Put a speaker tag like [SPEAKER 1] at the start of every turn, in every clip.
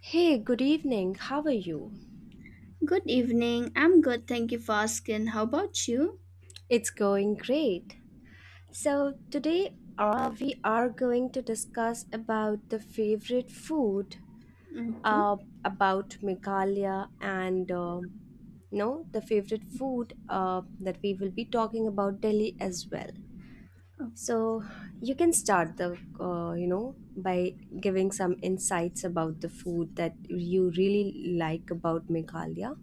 [SPEAKER 1] Hey, good evening. How are you?
[SPEAKER 2] Good evening. I'm good. Thank you for asking. How about you?
[SPEAKER 1] It's going great. So today we are going to discuss about the favorite food,
[SPEAKER 2] Okay.
[SPEAKER 1] uh, about Meghalaya and no, the favorite food that we will be talking about Delhi as well.
[SPEAKER 2] Oh,
[SPEAKER 1] So you can start the by giving some insights about the food that you really like about Meghalaya.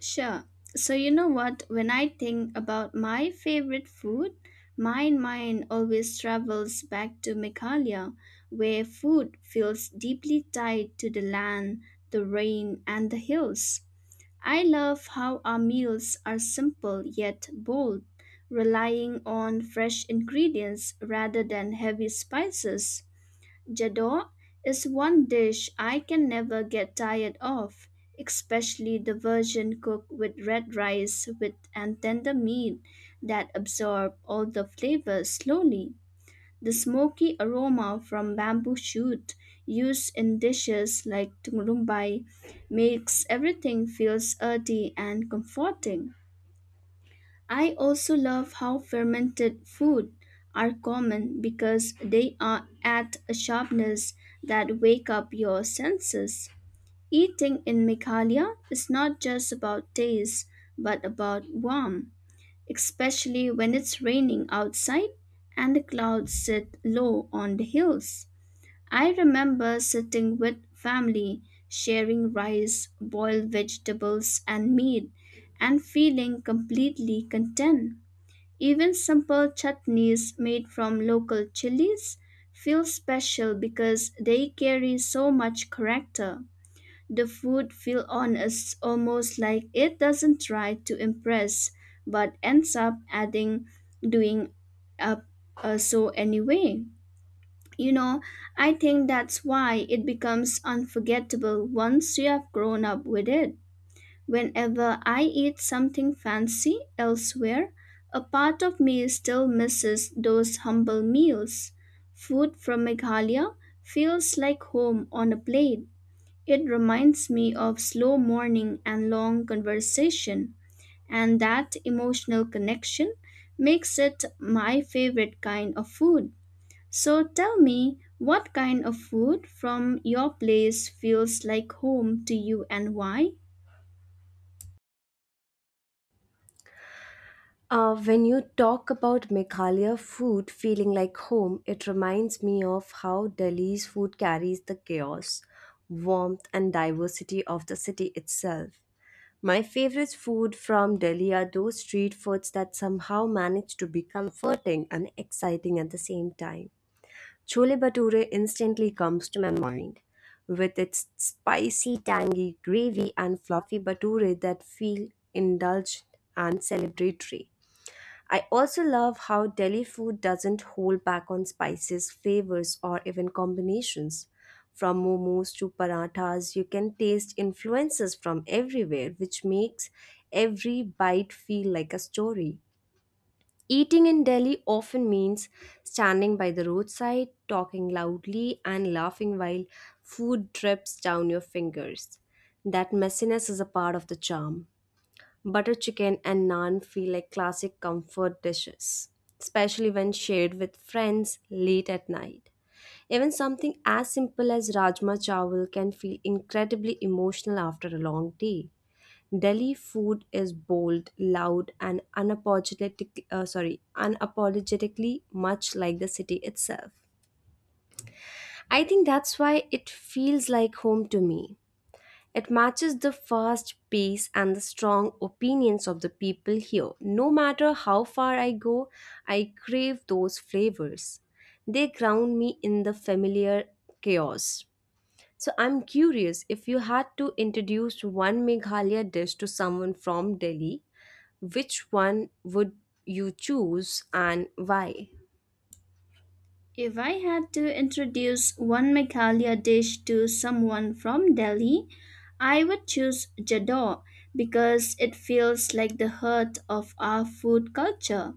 [SPEAKER 2] sure. So, you know what? When I think about my favorite food, my mind always travels back to Meghalaya, where food feels deeply tied to the land, the rain, and the hills. I love how our meals are simple yet bold, relying on fresh ingredients rather than heavy spices. Jador is one dish I can never get tired of, especially the version cooked with red rice with and tender meat that absorb all the flavors slowly. The smoky aroma from bamboo shoot used in dishes like tumurumbai makes everything feels earthy and comforting. I also love how fermented food are common because they are at a sharpness that wake up your senses. Eating in Meghalaya is not just about taste but about warmth, especially when it's raining outside and the clouds sit low on the hills. I remember sitting with family sharing rice, boiled vegetables and meat and feeling completely content. Even simple chutneys made from local chilies feel special because they carry so much character. The food feels honest, almost like it doesn't try to impress, but ends up adding, doing up so anyway. You know, I think that's why it becomes unforgettable once you have grown up with it. Whenever I eat something fancy elsewhere, a part of me still misses those humble meals. Food from Meghalaya feels like home on a plate. It reminds me of slow morning and long conversation, and that emotional connection makes it my favorite kind of food. So tell me, what kind of food from your place feels like home to you and why?
[SPEAKER 1] When you talk about Meghalaya food feeling like home, it reminds me of how Delhi's food carries the chaos, warmth, and diversity of the city itself. My favorite food from Delhi are those street foods that somehow manage to be comforting and exciting at the same time. Chole Bhature instantly comes to my mind, with its spicy, tangy gravy and fluffy bhature that feel indulgent and celebratory. I also love how Delhi food doesn't hold back on spices, flavors, or even combinations. From momos to parathas, you can taste influences from everywhere, which makes every bite feel like a story. Eating in Delhi often means standing by the roadside, talking loudly, and laughing while food drips down your fingers. That messiness is a part of the charm. Butter chicken and naan feel like classic comfort dishes, especially when shared with friends late at night. Even something as simple as rajma chawal can feel incredibly emotional after a long day. Delhi food is bold, loud, and unapologetic, unapologetically much like the city itself. I think that's why it feels like home to me. It matches the fast pace and the strong opinions of the people here. No matter how far I go, I crave those flavors. They ground me in the familiar chaos. So I'm curious, if you had to introduce one Meghalaya dish to someone from Delhi, which one would you choose and why?
[SPEAKER 2] If I had to introduce one Meghalaya dish to someone from Delhi, I would choose Jador because it feels like the heart of our food culture.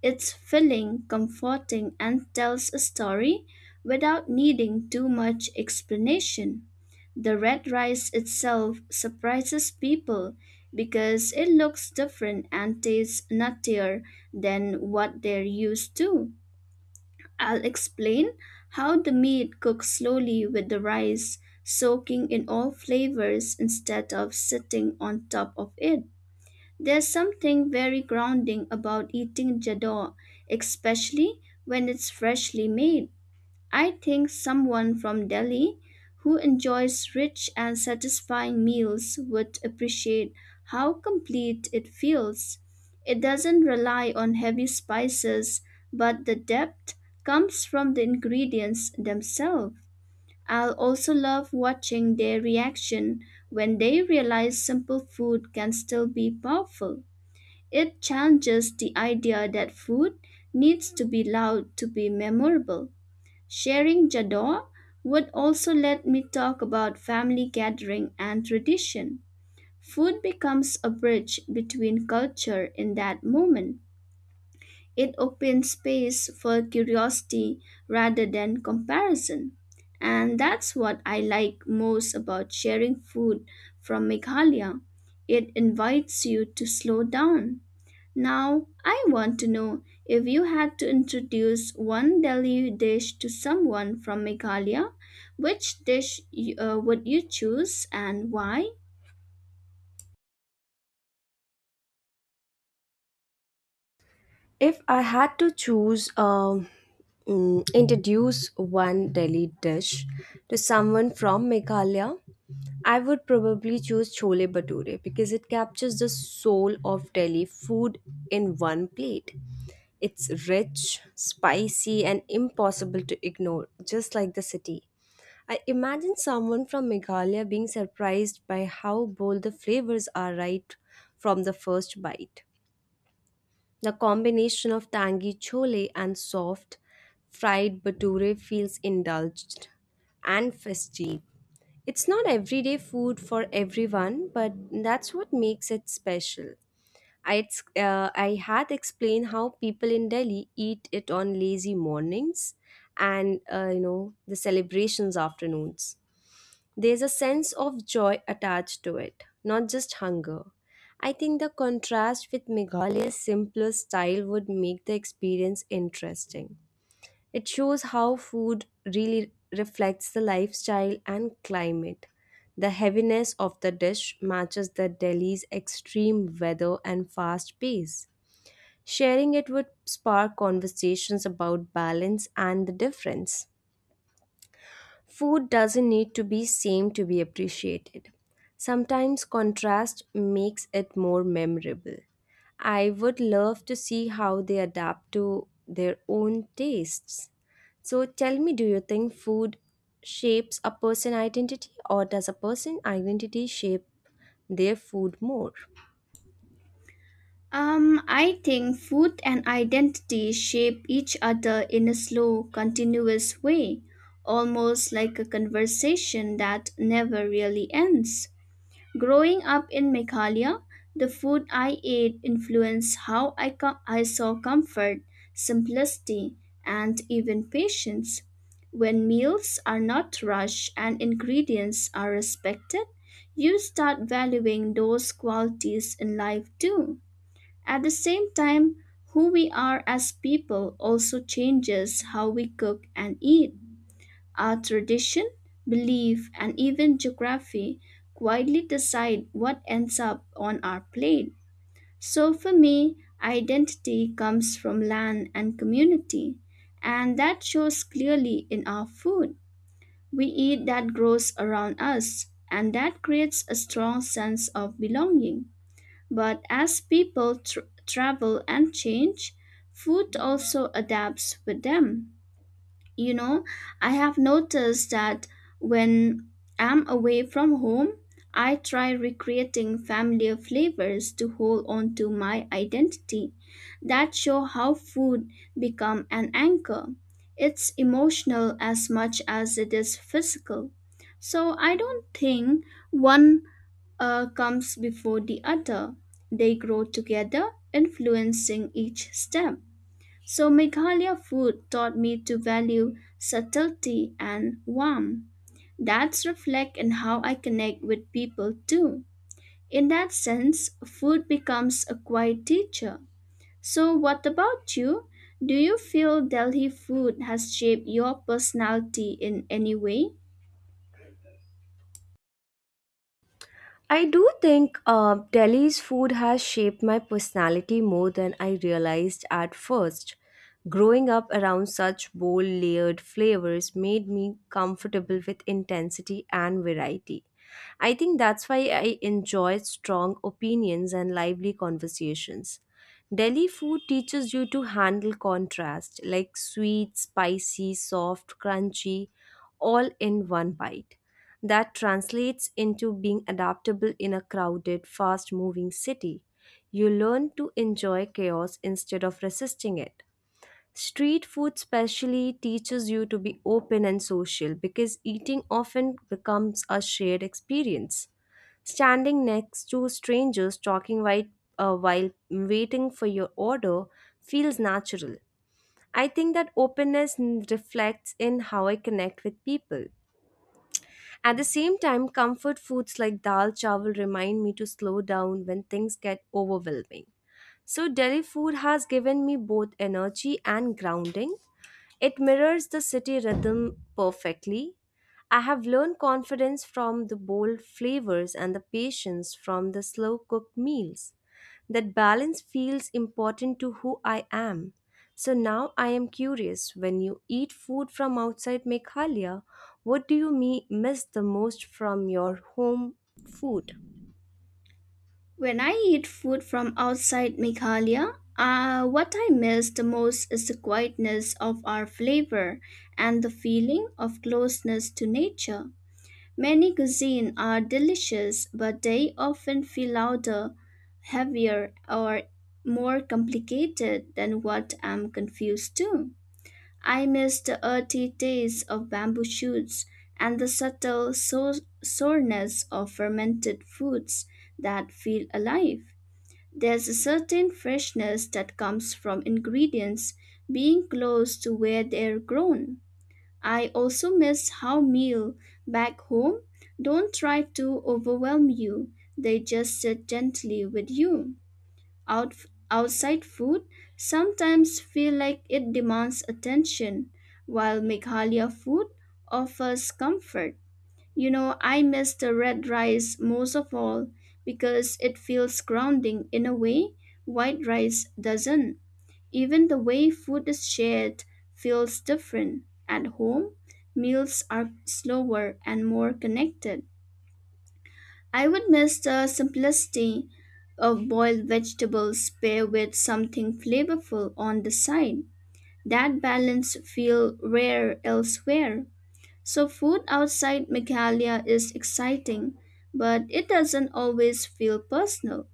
[SPEAKER 2] It's filling, comforting, and tells a story without needing too much explanation. The red rice itself surprises people because it looks different and tastes nuttier than what they're used to. I'll explain how the meat cooks slowly with the rice, soaking in all flavors instead of sitting on top of it. There's something very grounding about eating jador, especially when it's freshly made. I think someone from Delhi who enjoys rich and satisfying meals would appreciate how complete it feels. It doesn't rely on heavy spices, but the depth comes from the ingredients themselves. I'll also love watching their reaction when they realize simple food can still be powerful. It challenges the idea that food needs to be loud to be memorable. Sharing Jador would also let me talk about family gathering and tradition. Food becomes a bridge between culture in that moment. It opens space for curiosity rather than comparison. And that's what I like most about sharing food from Meghalaya. It invites you to slow down. Now, I want to know if you had to introduce one Delhi dish to someone from Meghalaya, would you choose and why?
[SPEAKER 1] If I had to choose, introduce one Delhi dish to someone from Meghalaya, I would probably choose chole bhature because it captures the soul of Delhi food in one plate. It's rich, spicy, and impossible to ignore, just like the city. I imagine someone from Meghalaya being surprised by how bold the flavors are right from the first bite. The combination of tangy chole and soft fried bhature feels indulged and festive. It's not everyday food for everyone, but that's what makes it special. I had explained how people in Delhi eat it on lazy mornings and the celebrations afternoons. There's a sense of joy attached to it, not just hunger. I think the contrast with Meghalaya's simpler style would make the experience interesting. It shows how food really reflects the lifestyle and climate. The heaviness of the dish matches the Delhi's extreme weather and fast pace. Sharing it would spark conversations about balance and the difference. Food doesn't need to be same to be appreciated. Sometimes contrast makes it more memorable. I would love to see how they adapt to their own tastes. So tell me, do you think food shapes a person identity, or does a person identity shape their food more?
[SPEAKER 2] I think food and identity shape each other in a slow, continuous way, almost like a conversation that never really ends. Growing up in Meghalaya, the food I ate influenced I saw comfort, simplicity, and even patience. When meals are not rushed and ingredients are respected, you start valuing those qualities in life too. At the same time, who we are as people also changes how we cook and eat. Our tradition, belief, and even geography quietly decide what ends up on our plate. So for me, identity comes from land and community, and that shows clearly in our food. We eat that grows around us, and that creates a strong sense of belonging. But as travel and change, food also adapts with them. You know, I have noticed that when I'm away from home, I try recreating familiar flavors to hold on to my identity that show how food become an anchor. It's emotional as much as it is physical. So I don't think one comes before the other. They grow together, influencing each step. So Meghalaya food taught me to value subtlety and warmth. That's reflect in how I connect with people too. In that sense, food becomes a quiet teacher. So what about you? Do you feel Delhi food has shaped your personality in any way?
[SPEAKER 1] I do think Delhi's food has shaped my personality more than I realized at first. Growing up around such bold, layered flavors made me comfortable with intensity and variety. I think that's why I enjoyed strong opinions and lively conversations. Delhi food teaches you to handle contrast, like sweet, spicy, soft, crunchy, all in one bite. That translates into being adaptable in a crowded, fast moving city. You learn to enjoy chaos instead of resisting it. Street food, specially, teaches you to be open and social because eating often becomes a shared experience. Standing next to strangers talking while waiting for your order feels natural. I think that openness reflects in how I connect with people. At the same time, comfort foods like dal chawal remind me to slow down when things get overwhelming. So, Delhi food has given me both energy and grounding. It mirrors the city rhythm perfectly. I have learned confidence from the bold flavors and the patience from the slow cooked meals. That balance feels important to who I am. So now I am curious, when you eat food from outside Meghalaya, what do you miss the most from your home food?
[SPEAKER 2] When I eat food from outside Meghalaya, what I miss the most is the quietness of our flavor and the feeling of closeness to nature. Many cuisines are delicious, but they often feel louder, heavier, or more complicated than what I'm confused to. I miss the earthy taste of bamboo shoots and the soreness of fermented foods that feel alive. There's a certain freshness that comes from ingredients being close to where they're grown. I also miss how meal back home don't try to overwhelm you. They just sit gently with you. Out, Outside food sometimes feel like it demands attention, while Meghalaya food offers comfort. You know, I miss the red rice most of all because it feels grounding in a way white rice doesn't. Even the way food is shared feels different. At home, meals are slower and more connected. I would miss the simplicity of boiled vegetables paired with something flavorful on the side. That balance feel rare elsewhere. So food outside Meghalaya is exciting, but it doesn't always feel personal.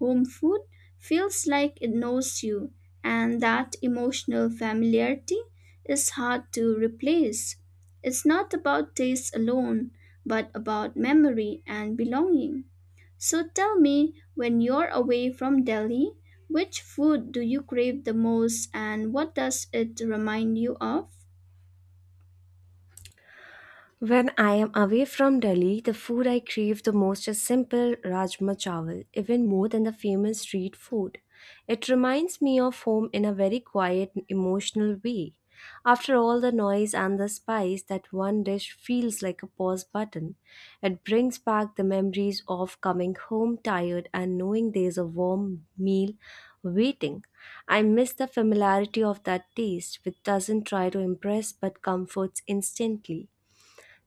[SPEAKER 2] Home food feels like it knows you, and that emotional familiarity is hard to replace. It's not about taste alone, but about memory and belonging. So tell me, when you're away from Delhi, which food do you crave the most and what does it remind you of?
[SPEAKER 1] When I am away from Delhi, the food I crave the most is simple rajma chawal, even more than the famous street food. It reminds me of home in a very quiet, emotional way. After all the noise and the spice, that one dish feels like a pause button. It brings back the memories of coming home tired and knowing there's a warm meal waiting. I miss the familiarity of that taste, which doesn't try to impress but comforts instantly.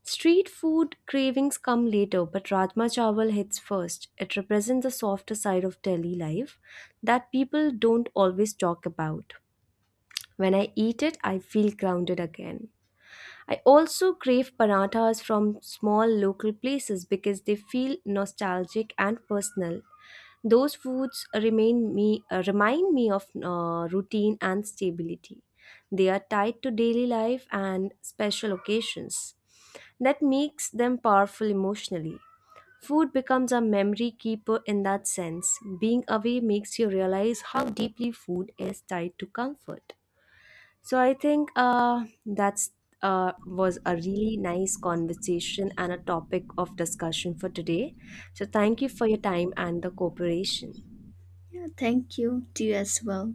[SPEAKER 1] Street food cravings come later, but Rajma Chawal hits first. It represents the softer side of Delhi life that people don't always talk about. When I eat it, I feel grounded again. I also crave parathas from small local places because they feel nostalgic and personal. Those foods remain me remind me of routine and stability. They are tied to daily life and special occasions. That makes them powerful emotionally. Food becomes a memory keeper in that sense. Being away makes you realize how deeply food is tied to comfort. So I think that's was a really nice conversation and a topic of discussion for today. So thank you for your time and the cooperation.
[SPEAKER 2] Yeah, thank you. To you as well.